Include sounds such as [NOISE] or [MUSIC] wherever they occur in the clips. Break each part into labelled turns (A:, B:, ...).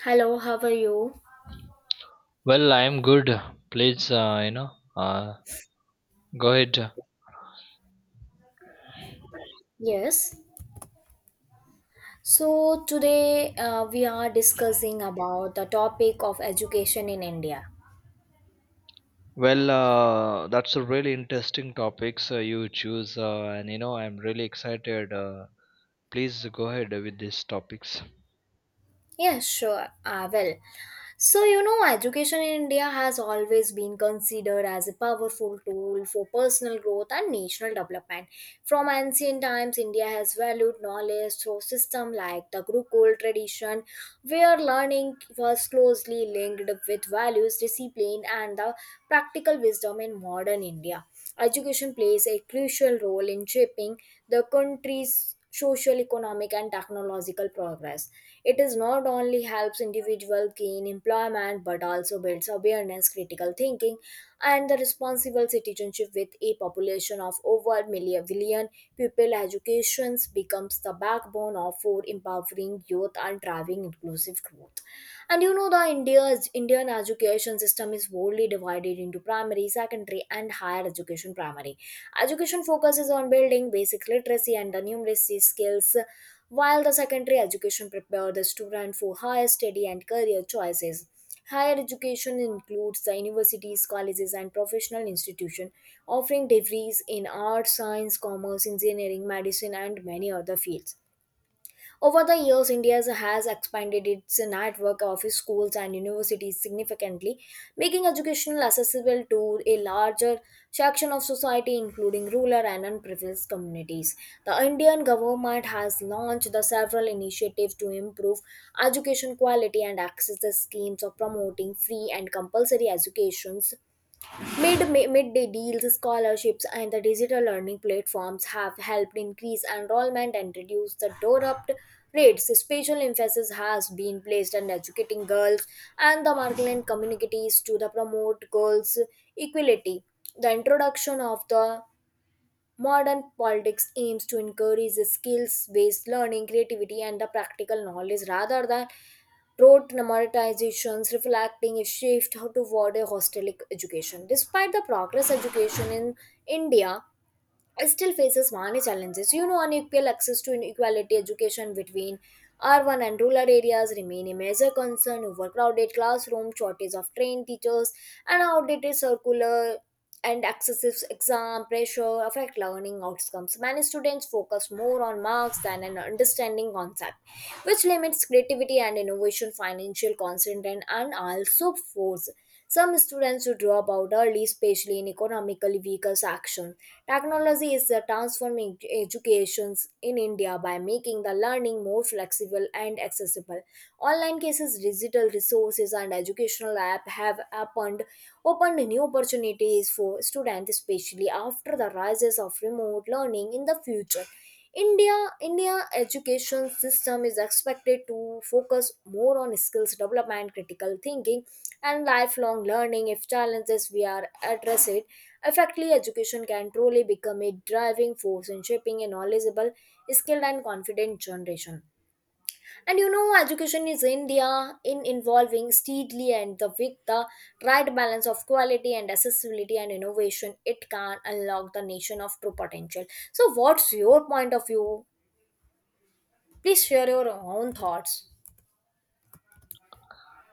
A: Hello, how are you?
B: Well, I'm good. Please, uh, go ahead.
A: Yes. So today, we are discussing about the topic of education in India.
B: Well, that's a really interesting topics you choose, and you know I'm really excited. Please go ahead with these topics.
A: Yeah, sure. Ah, well. So, education in India has always been considered as a powerful tool for personal growth and national development. From ancient times, India has valued knowledge through systems like the Gurukul tradition, where learning was closely linked with values, discipline, and the practical wisdom in modern India. Education plays a crucial role in shaping the country's social, economic, and technological progress. It is not only helps individuals gain employment but also builds awareness, critical thinking, and the responsible citizenship with a population of over million billion people. Education becomes the backbone of for empowering youth and driving inclusive growth. And the India's Indian education system is wholly divided into primary, secondary, and higher education. Primary education focuses on building basic literacy and the numeracy skills, while the secondary education prepares the student for higher study and career choices. Higher education includes the universities, colleges, and professional institutions offering degrees in arts, science, commerce, engineering, medicine, and many other fields. Over the years, India has expanded its network of schools and universities significantly, making education accessible to a larger section of society, including rural and unprivileged communities. The Indian government has launched the several initiatives to improve education quality and access the schemes of promoting free and compulsory educations. Midday deals, scholarships, and the digital learning platforms have helped increase enrollment and reduce the dropout rates. Special emphasis has been placed on educating girls and the marginalized communities to the promote girls' equality. The introduction of the modern politics aims to encourage skills based learning, creativity, and the practical knowledge rather than rote memorizations, reflecting a shift toward a holistic education. Despite the progress education in India, still faces many challenges. Unequal access to inequality education between urban and rural areas remain a major concern. Overcrowded classroom, shortage of trained teachers, and outdated circular and excessive exam pressure affect learning outcomes. Many students focus more on marks than an understanding concept, which limits creativity and innovation, financial constraint, and also force some students to drop out early, especially in economically weaker sections. Technology is transforming education in India by making the learning more flexible and accessible. Online cases, digital resources, and educational apps have opened new opportunities for students, especially after the rises of remote learning in the future. India India education system is expected to focus more on skills development, critical thinking, and lifelong learning. If challenges we are addressed effectively, education can truly become a driving force in shaping a knowledgeable, skilled and confident generation. And education is india in involving steadily, and the with the right balance of quality and accessibility and innovation, it can unlock the nation of true potential. So, what's your point of view? Please share your own thoughts.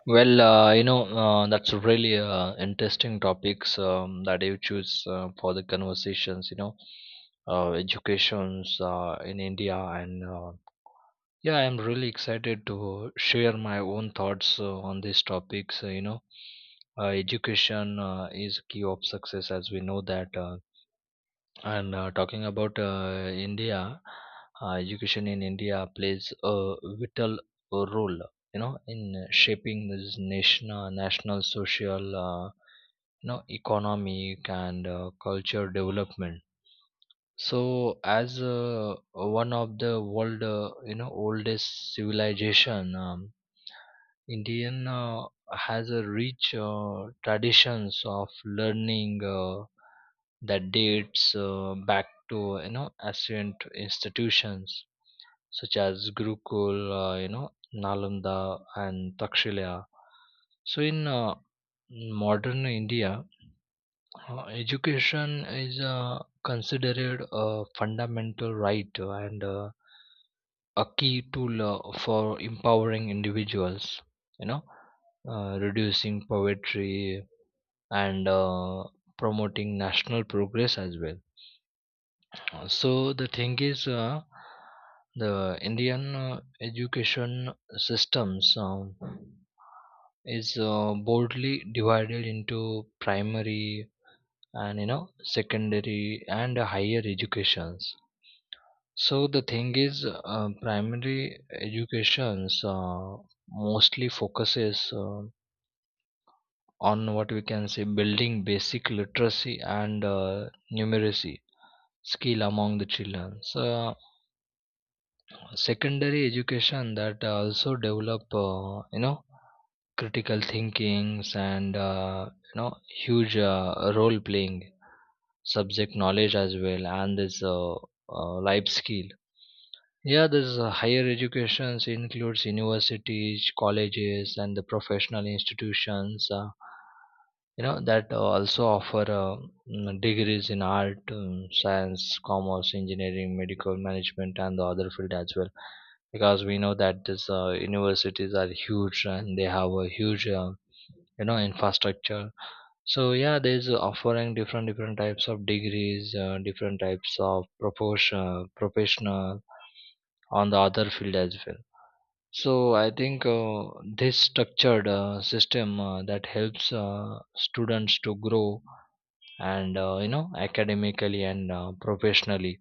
B: Well, that's a really interesting topics that you choose for the conversations. You know, educations in India. And yeah, I'm really excited to share my own thoughts on these topics. Education is key of success, as we know that. And Talking about India, education in India plays a vital role. You know, in shaping this national, social, economic and culture development. So, as one of the world, oldest civilization, Indian has a rich traditions of learning that dates back to you know ancient institutions such as Gurukul, Nalanda and Takshila. So, in modern India, education is considered a fundamental right and a key tool for empowering individuals, you know, reducing poverty and promoting national progress as well. So the thing is, the Indian education systems is broadly divided into primary, and you know secondary and higher educations. So the thing is primary educations mostly focuses on what we can say building basic literacy and numeracy skill among the children. So secondary education that also develop critical thinkings and huge role playing subject knowledge as well, and this life skill. Yeah, this higher educations includes universities, colleges and the professional institutions, that also offer degrees in art, science, commerce, engineering, medical, management and the other field as well, because we know that these universities are huge and they have a huge infrastructure. So yeah, there's offering different different types of degrees, different types of proportion, professional on the other field as well. So I think this structured system that helps students to grow and academically and professionally.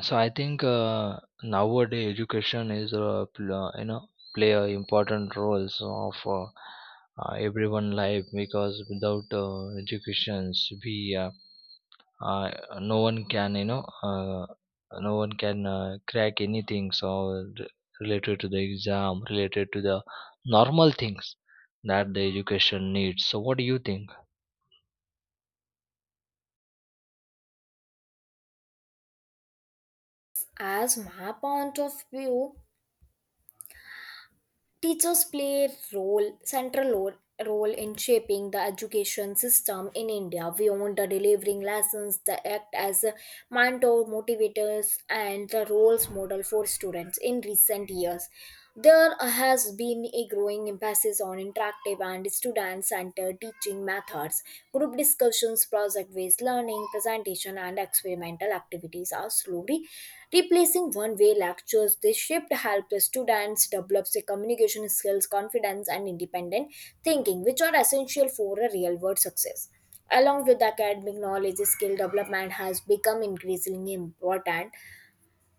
B: So I think nowadays education is play a important roles of everyone life, because without educations we uh, no one can you know uh, no one can crack anything. Related to the exam, related to the normal things that the education needs. So what do you think?
A: As my point of view, teachers play a central role in shaping the education system in India beyond the delivering lessons. They act as a mentor, motivators, and the roles model for students in recent years. There has been a growing emphasis on interactive and student centered teaching methods. Group discussions, project based learning, presentation, and experimental activities are slowly replacing one way lectures. This shift helps the students develop their communication skills, confidence, and independent thinking, which are essential for a real world success. Along with academic knowledge, skill development has become increasingly important.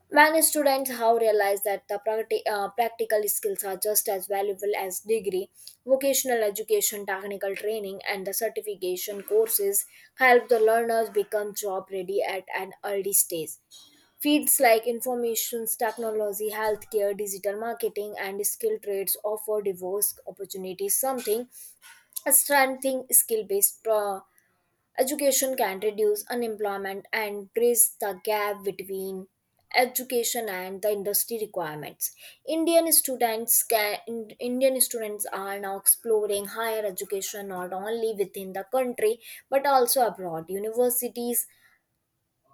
A: Many students have realized that the practical skills are just as valuable as degree. Vocational education, technical training, and the certification courses help the learners become job ready at an early stage. Fields like information technology, healthcare, digital marketing, and skilled trades offer diverse opportunities, something strengthening skill-based education can reduce unemployment and bridge the gap between education and the industry requirements. indian students can Indian students are now exploring higher education not only within the country but also abroad. Universities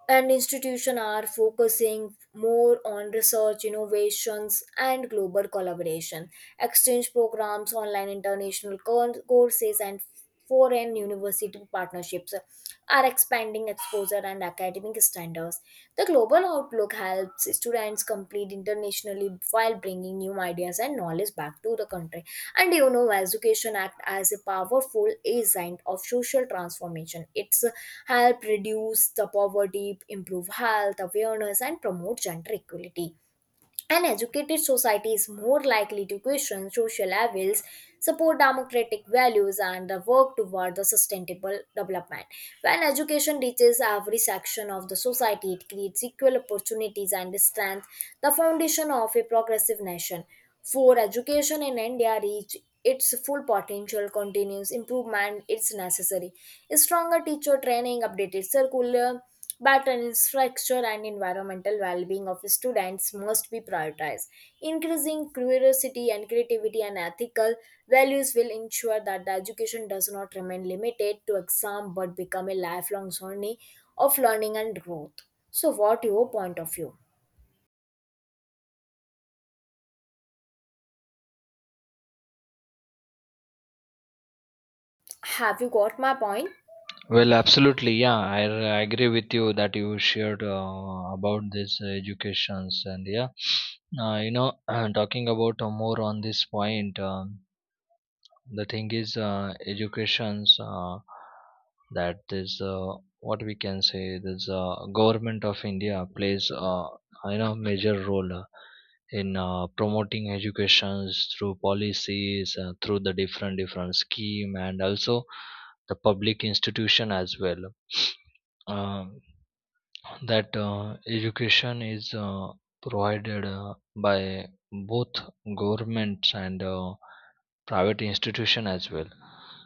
A: and institutions are focusing more on research innovations and global collaboration. Exchange programs, online international courses, and foreign university partnerships are expanding exposure and academic standards. The global outlook helps students complete internationally while bringing new ideas and knowledge back to the country. And education act as a powerful agent of social transformation. It's help reduce the poverty, improve health awareness, and promote gender equality. An educated society is more likely to question social evils, support democratic values, and work toward the sustainable development. When education reaches every section of the society, it creates equal opportunities and strengthens the foundation of a progressive nation. For education in India reach its full potential, continuous improvement is necessary. Stronger teacher training, updated curriculum but an infrastructure and environmental well-being of students must be prioritized. Increasing curiosity and creativity and ethical values will ensure that the education does not remain limited to exam but become a lifelong journey of learning and growth. So, what your point of view? Have you got my point?
B: Well, absolutely, yeah, agree with you that you shared about this educations. And yeah uh, you know [CLEARS THROAT] talking about more on this point. The thing is educations that is what we can say this government of India plays major role in promoting educations through policies through the different different scheme, and also the public institution as well. [SNIFFS] Um that education is provided by both governments and private institution as well.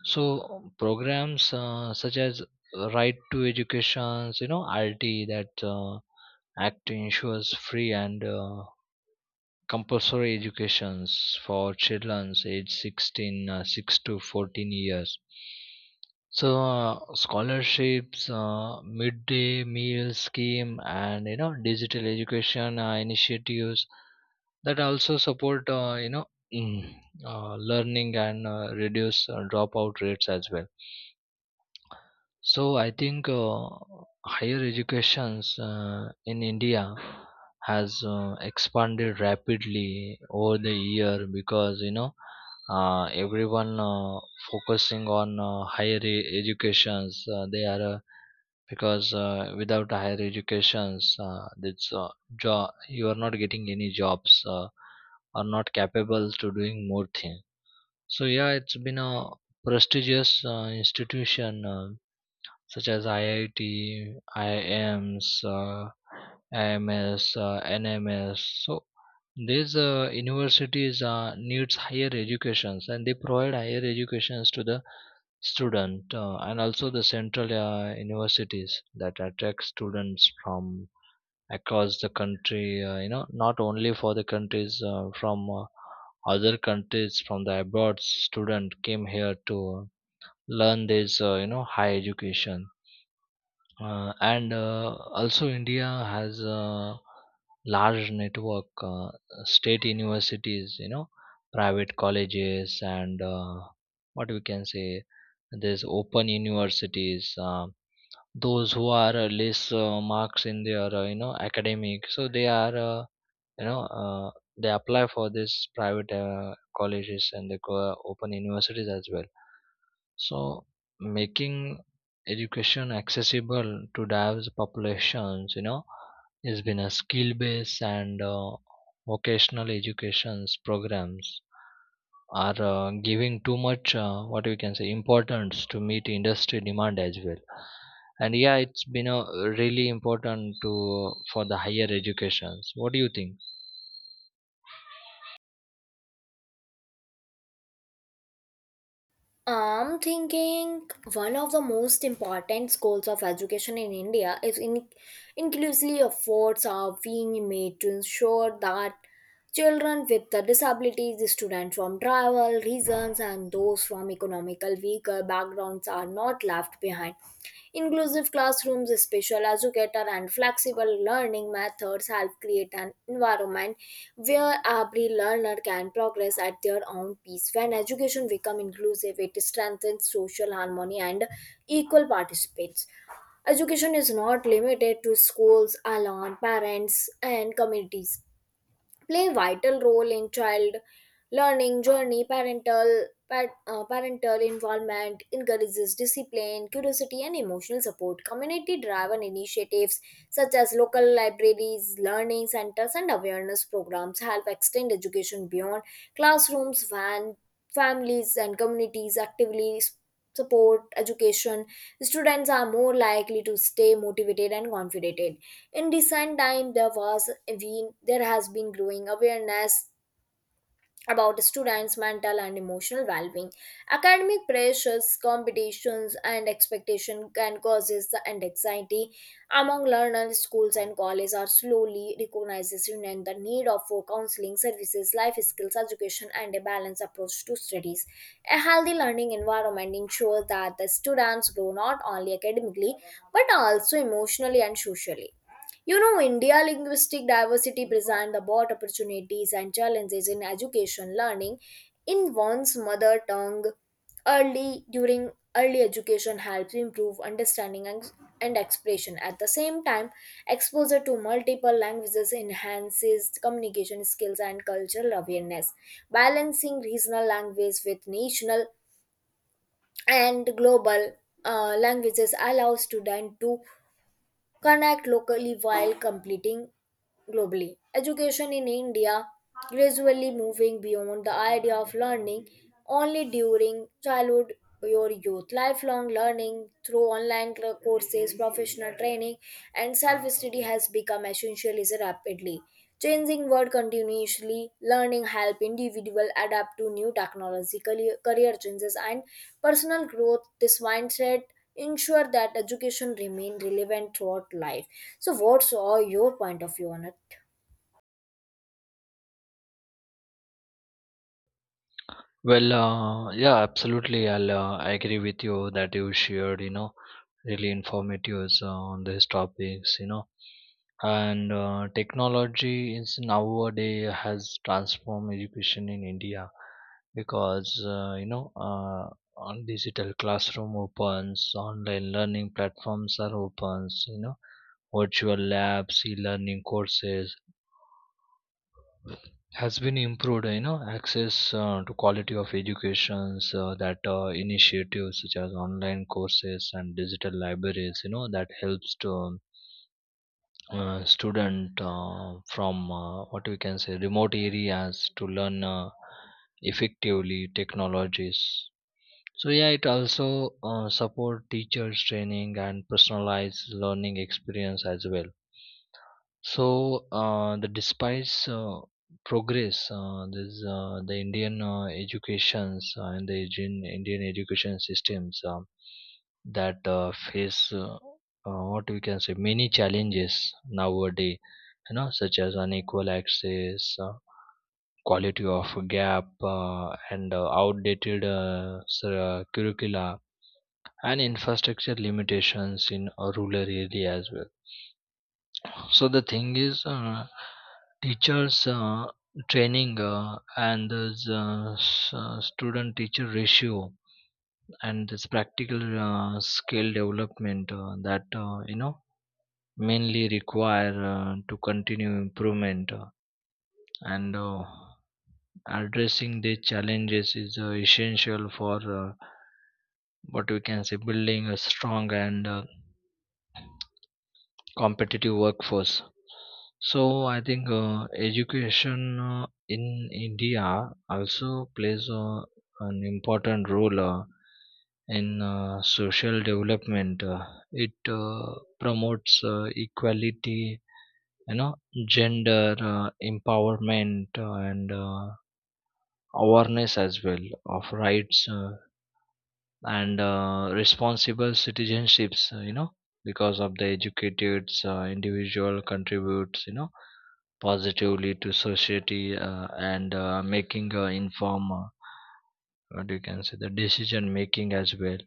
B: So programs such as right to educations, you know, RT, that act ensures free and compulsory educations for children aged 16 6 to 14 years. So scholarships, midday meal scheme, and you know digital education initiatives that also support mm, learning and reduce dropout rates as well. So I think higher educations in India has expanded rapidly over the year, because you know everyone focusing on educations. They are Because without higher educations it's jo- you are not getting any jobs, are not capable to doing more thing. So yeah, it's been a prestigious institution, such as IIT, IIMs, IMS, NMS. So these universities needs higher educations, and they provide higher educations to the student, and also the central universities that attract students from across the country, not only for the countries, from other countries, from the abroad student came here to learn this high education. And Also India has a large network state universities, you know, private colleges, and what we can say there's open universities, those who are less marks in their academic, so they are you know uh, they apply for this private colleges, and they go open universities as well. So making education accessible to diverse populations, you know, has been a skill based and vocational educations programs are giving too much what we can say importance to meet industry demand as well. And yeah, it's been a really important to for the higher educations. What do you think?
A: I'm thinking. One of the most important goals of education in India is in inclusively. Efforts are being made to ensure that children with the disabilities, students from tribal regions, and those from economical weaker backgrounds are not left behind. Inclusive classrooms, special educator, and flexible learning methods help create an environment where every learner can progress at their own pace. When education becomes inclusive, it strengthens social harmony and equal participants. Education is not limited to schools alone. Parents, and communities play vital role in child learning journey. Parental involvement encourages discipline, curiosity, and emotional support. Community driven initiatives such as local libraries, learning centers, and awareness programs help extend education beyond classrooms. When families and communities actively support education, students are more likely to stay motivated and confident. In recent time, there has been growing awareness about students' mental and emotional well-being. Academic pressures, competitions, and expectation can causes the and anxiety among learners. Schools and colleges are slowly recognizing and the need of for counseling services, life skills education, and a balanced approach to studies. A healthy learning environment ensures that the students grow not only academically but also emotionally and socially. India linguistic diversity presents about opportunities and challenges in education. Learning in one's mother tongue early during early education helps improve understanding, and expression. At the same time, exposure to multiple languages enhances communication skills and cultural awareness. Balancing regional language with national and global languages allows students to connect locally while completing globally. Education in India gradually moving beyond the idea of learning only during childhood or youth. Lifelong learning through online courses, professional training, and self study has become essential is rapidly. Changing world continuously, learning help individual adapt to new technological career changes and personal growth. This mindset ensure that education remain relevant throughout life. So what's all your point of view on it?
B: Well, yeah, absolutely, I agree with you that you shared you know really informative on these topics. You know and Technology is nowadays has transformed education in India, because on digital classroom opens, online learning platforms are opens, you know, virtual labs, e-learning courses has been improved, you know, access to quality of educations. That Initiatives such as online courses and digital libraries, you know, that helps to student from what we can say remote areas to learn effectively technologies. So yeah, it also support teachers training and personalized learning experience as well. So the despite progress, this the Indian educations and the Indian education systems that face what we can say many challenges nowadays. You know, such as unequal access, quality of gap, and outdated curricula, and infrastructure limitations in rural areas as well. So the thing is, teachers training, and this student-teacher ratio, and this practical skill development that you know mainly require to continue improvement, and addressing the challenges is essential for what we can say building a strong and competitive workforce. So I think education in India also plays an important role in social development. It promotes equality, you know, gender empowerment, and awareness as well of rights. And responsible citizenships, because of the educated individual contributes, you know, positively to society, and making inform what you can say the decision making as well.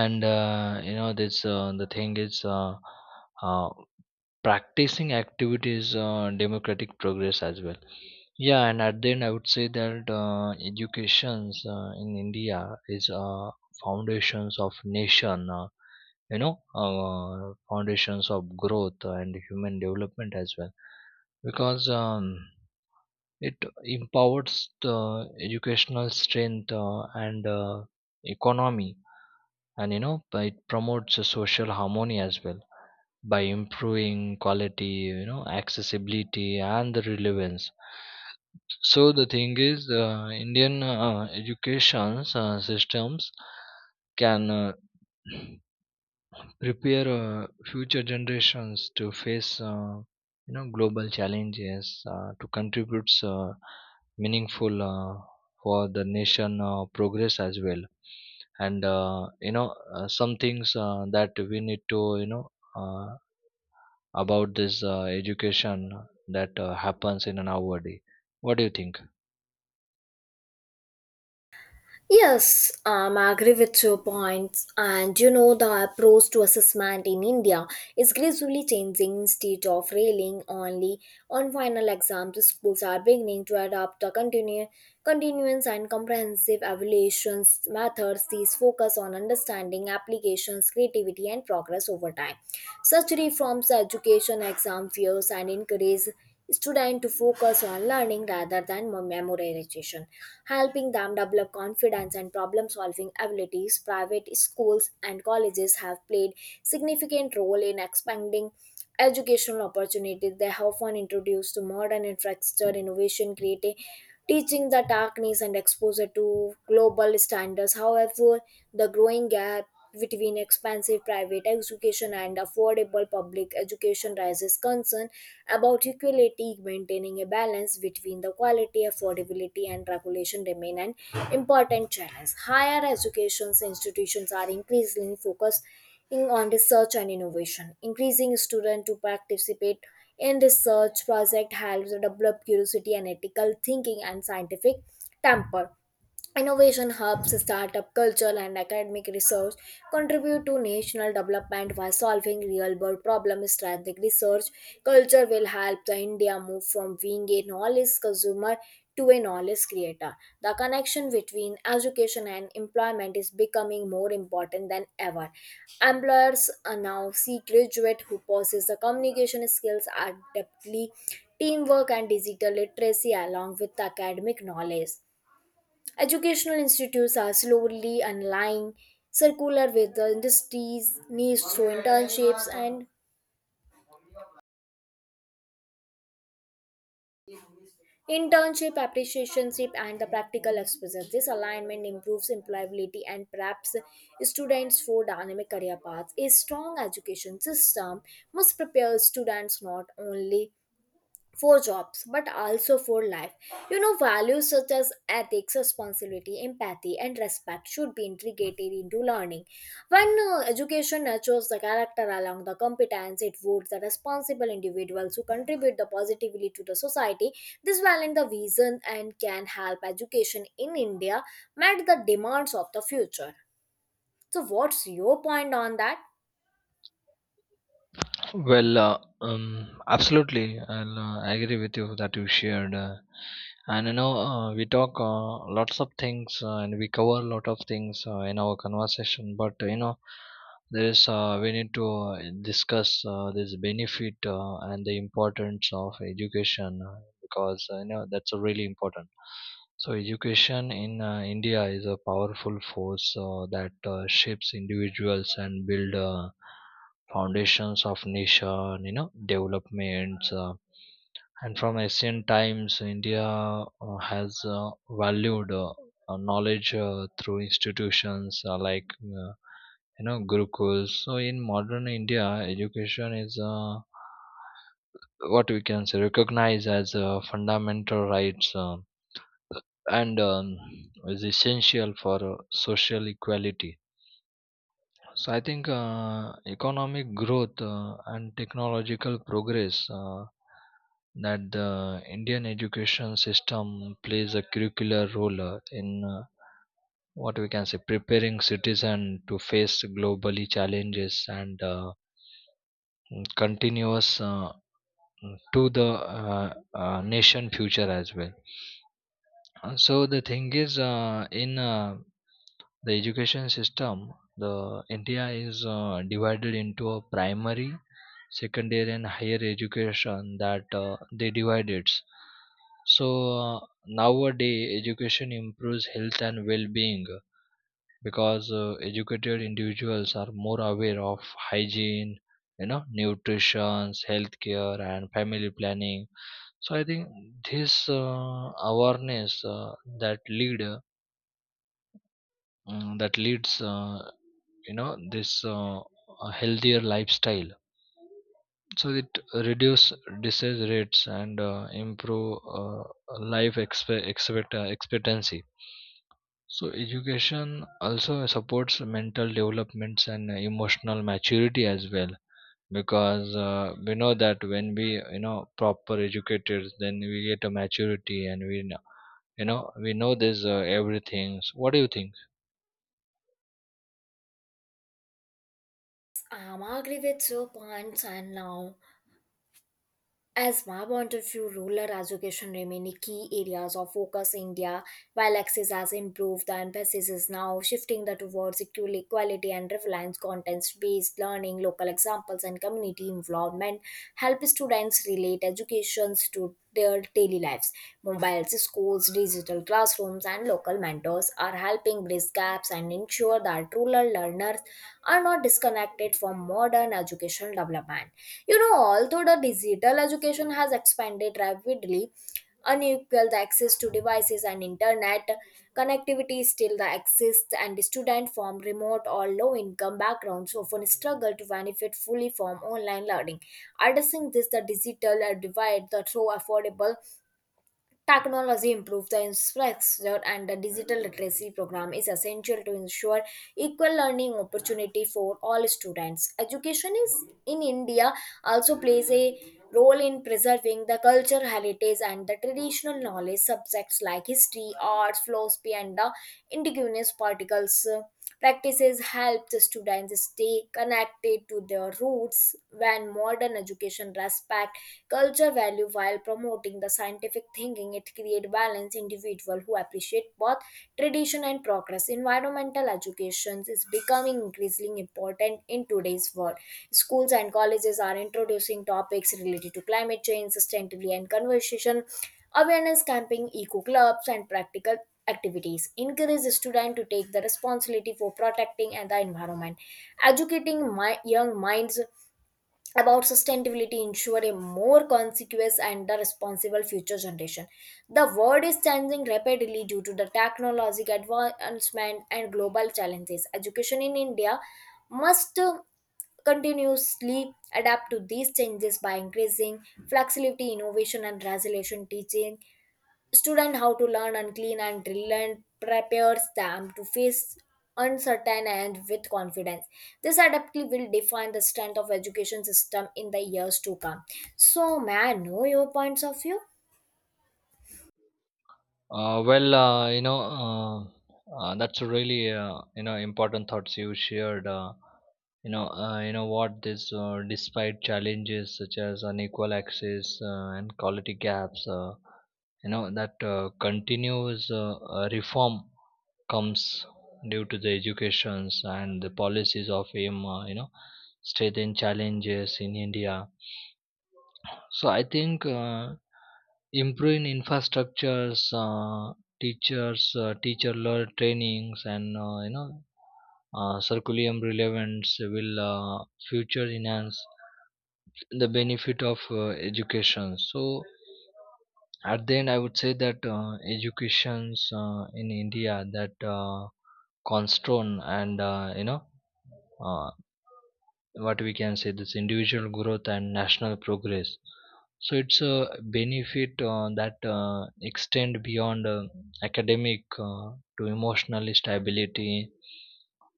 B: And uh, you know this uh, the thing is uh, practicing activities democratic progress as well. Yeah, and at the end, I would say that educations in India is foundations of nation. Foundations of growth and human development as well, because it empowers the educational strength and economy, and you know, it promotes a social harmony as well, by improving quality, you know, accessibility and the relevance. So the thing is, Indian education systems can [CLEARS THROAT] prepare future generations to face, global challenges to contribute meaningful for the nation progress as well. And some things that we need to, uh, about this education that happens in an hour day. What do you think?
A: Yes, I agree with your points. And the approach to assessment in India is gradually changing. Instead of railing only on final exams, schools are beginning to adopt a continuance and comprehensive evaluations methods. These focus on understanding applications, creativity, and progress over time. Such reforms education exam fears and encourage students to focus on learning rather than memorization, helping them develop confidence and problem solving abilities. Private schools and colleges have played significant role in expanding educational opportunities. They have often introduced to modern infrastructure innovation, creating teaching the darkness and exposure to global standards. However, the growing gap between expensive private education and affordable public education raises concern about equality. Maintaining a balance between the quality, affordability, and regulation remain an important challenge. Higher education institutions are increasingly focused on research and innovation. Increasing students to participate in research project helps develop curiosity and ethical thinking and scientific temper. Innovation hubs, startup culture, and academic research contribute to national development by solving real world problems. Strategic research culture will help the India move from being a knowledge consumer to a knowledge creator. The connection between education and employment is becoming more important than ever. Employers are now seek graduate who possess the communication skills adeptly, teamwork, and digital literacy along with academic knowledge. Educational institutes are slowly aligning circular with the industries needs through internships and internship apprenticeship and the practical exposure. This alignment improves employability and preps students for dynamic career paths. A strong education system must prepare students not only for jobs but also for life. Values such as ethics, responsibility, empathy and respect should be integrated into learning. When education nurtures the character along the competence, it would the responsible individuals who contribute the positively to the society. This balance the vision and can help education in India meet the demands of the future. So what's your point on that?
B: Well, absolutely, I agree with you that you shared, and you know we talk lots of things and we cover a lot of things in our conversation. But you know, there is we need to discuss this benefit and the importance of education, because you know that's really important. So education in India is a powerful force that shapes individuals and build. Foundations of nation, you know, developments, and from ancient times India has valued knowledge through institutions like uh, Gurukuls. So in modern India, education is what we can say recognized as a fundamental rights, and is essential for social equality. So I think economic growth and technological progress that the Indian education system plays a curricular role in what we can say preparing citizen to face globally challenges and continuous to the nation future as well. So the thing is in the education system, the India is divided into a primary, secondary and higher education that they divide it. So uh, nowadays education improves health and well-being, because educated individuals are more aware of hygiene, you know, nutrition, healthcare and family planning. So I think this uh, awareness that lead uh, that leads, you know this a healthier lifestyle. So it reduce disease rates and improve expectancy. So education also supports mental developments and emotional maturity as well, because we know that when we proper educated, then we get a maturity, and we know, you know, we know this everything. So what do you think?
A: I'm agree with your points, and now, as my point of view, rural education remain a key areas of focus in India. While access has improved, the emphasis is now shifting the towards equality and reliance content-based learning, local examples, and community involvement help students relate educations to their daily lives. Mobiles, schools, digital classrooms, and local mentors are helping bridge gaps and ensure that rural learners are not disconnected from modern educational development. Although the digital education has expanded rapidly, unequal access to devices and internet connectivity still the exists. And students from remote or low income backgrounds often struggle to benefit fully from online learning. Addressing this the digital divide the through affordable technology improves the infrastructure, and the digital literacy program is essential to ensure equal learning opportunity for all students. Education is in India also plays a role in preserving the cultural heritage and the traditional knowledge. Subjects like history, arts, philosophy and the indigenous particles, practices help the students stay connected to their roots. When modern education respect culture value while promoting the scientific thinking, it create balance individual who appreciate both tradition and progress. Environmental education is becoming increasingly important in today's world. Schools and colleges are introducing topics related to climate change, sustainability, and conversation. Awareness camping, eco clubs, and practical activities encourage the student to take the responsibility for protecting and the environment. Educating my young minds about sustainability ensure a more conscious and the responsible future generation. The world is changing rapidly due to the technological advancement and global challenges. Education in India must continuously adapt to these changes by increasing flexibility, innovation, and resolution. Teaching student how to learn and clean and drill and prepares them to face uncertain and with confidence. This adaptability will define the strength of education system in the years to come. So may I know your points of view?
B: Well, that's a really important thoughts you shared. You know what, this despite challenges such as unequal access and quality gaps, you know that continuous reform comes due to the educations and the policies of aim. You know, strengthen challenges in India. So I think improving infrastructures, teacher trainings, and curriculum relevance will future enhance the benefit of education. So at the end, I would say that educations in India that constraint and Uh, what we can say this individual growth and national progress. So it's a benefit that extend beyond academic to emotional stability,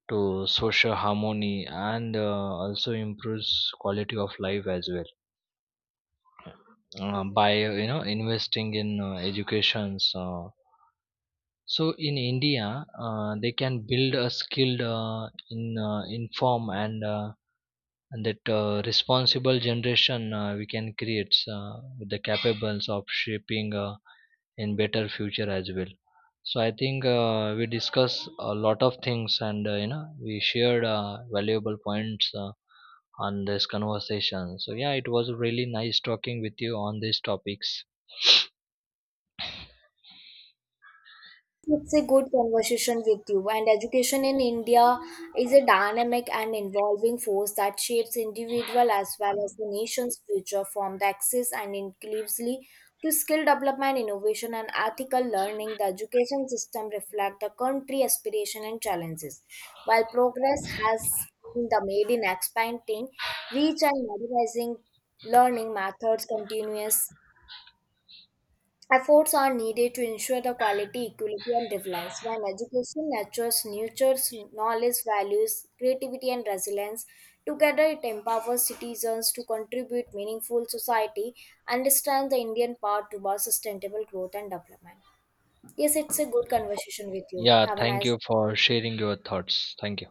B: to social harmony, and also improves quality of life as well, by you know investing in educations. So in India they can build a skilled in inform and that responsible generation we can create with the capables of shaping in better future as well. So I think we discuss a lot of things, and we shared valuable points on this conversation. So yeah, it was really nice talking with you on these topics.
A: It's a good conversation with you, and education in India is a dynamic and evolving force that shapes individual as well as the nation's future from the access and inclusively to skill development, innovation, and ethical learning. The education system reflects the country aspiration and challenges. While progress has been the made in expanding reach and modernizing learning methods, continuous efforts are needed to ensure the quality, equality, and relevance. While education nurtures knowledge, values, creativity, and resilience, together it empowers citizens to contribute meaningful society, understand the Indian path towards sustainable growth and development. Yes, it's a good conversation with you.
B: Yeah,
A: Have a
B: thank
A: nice
B: you for sharing your thoughts. Thank you.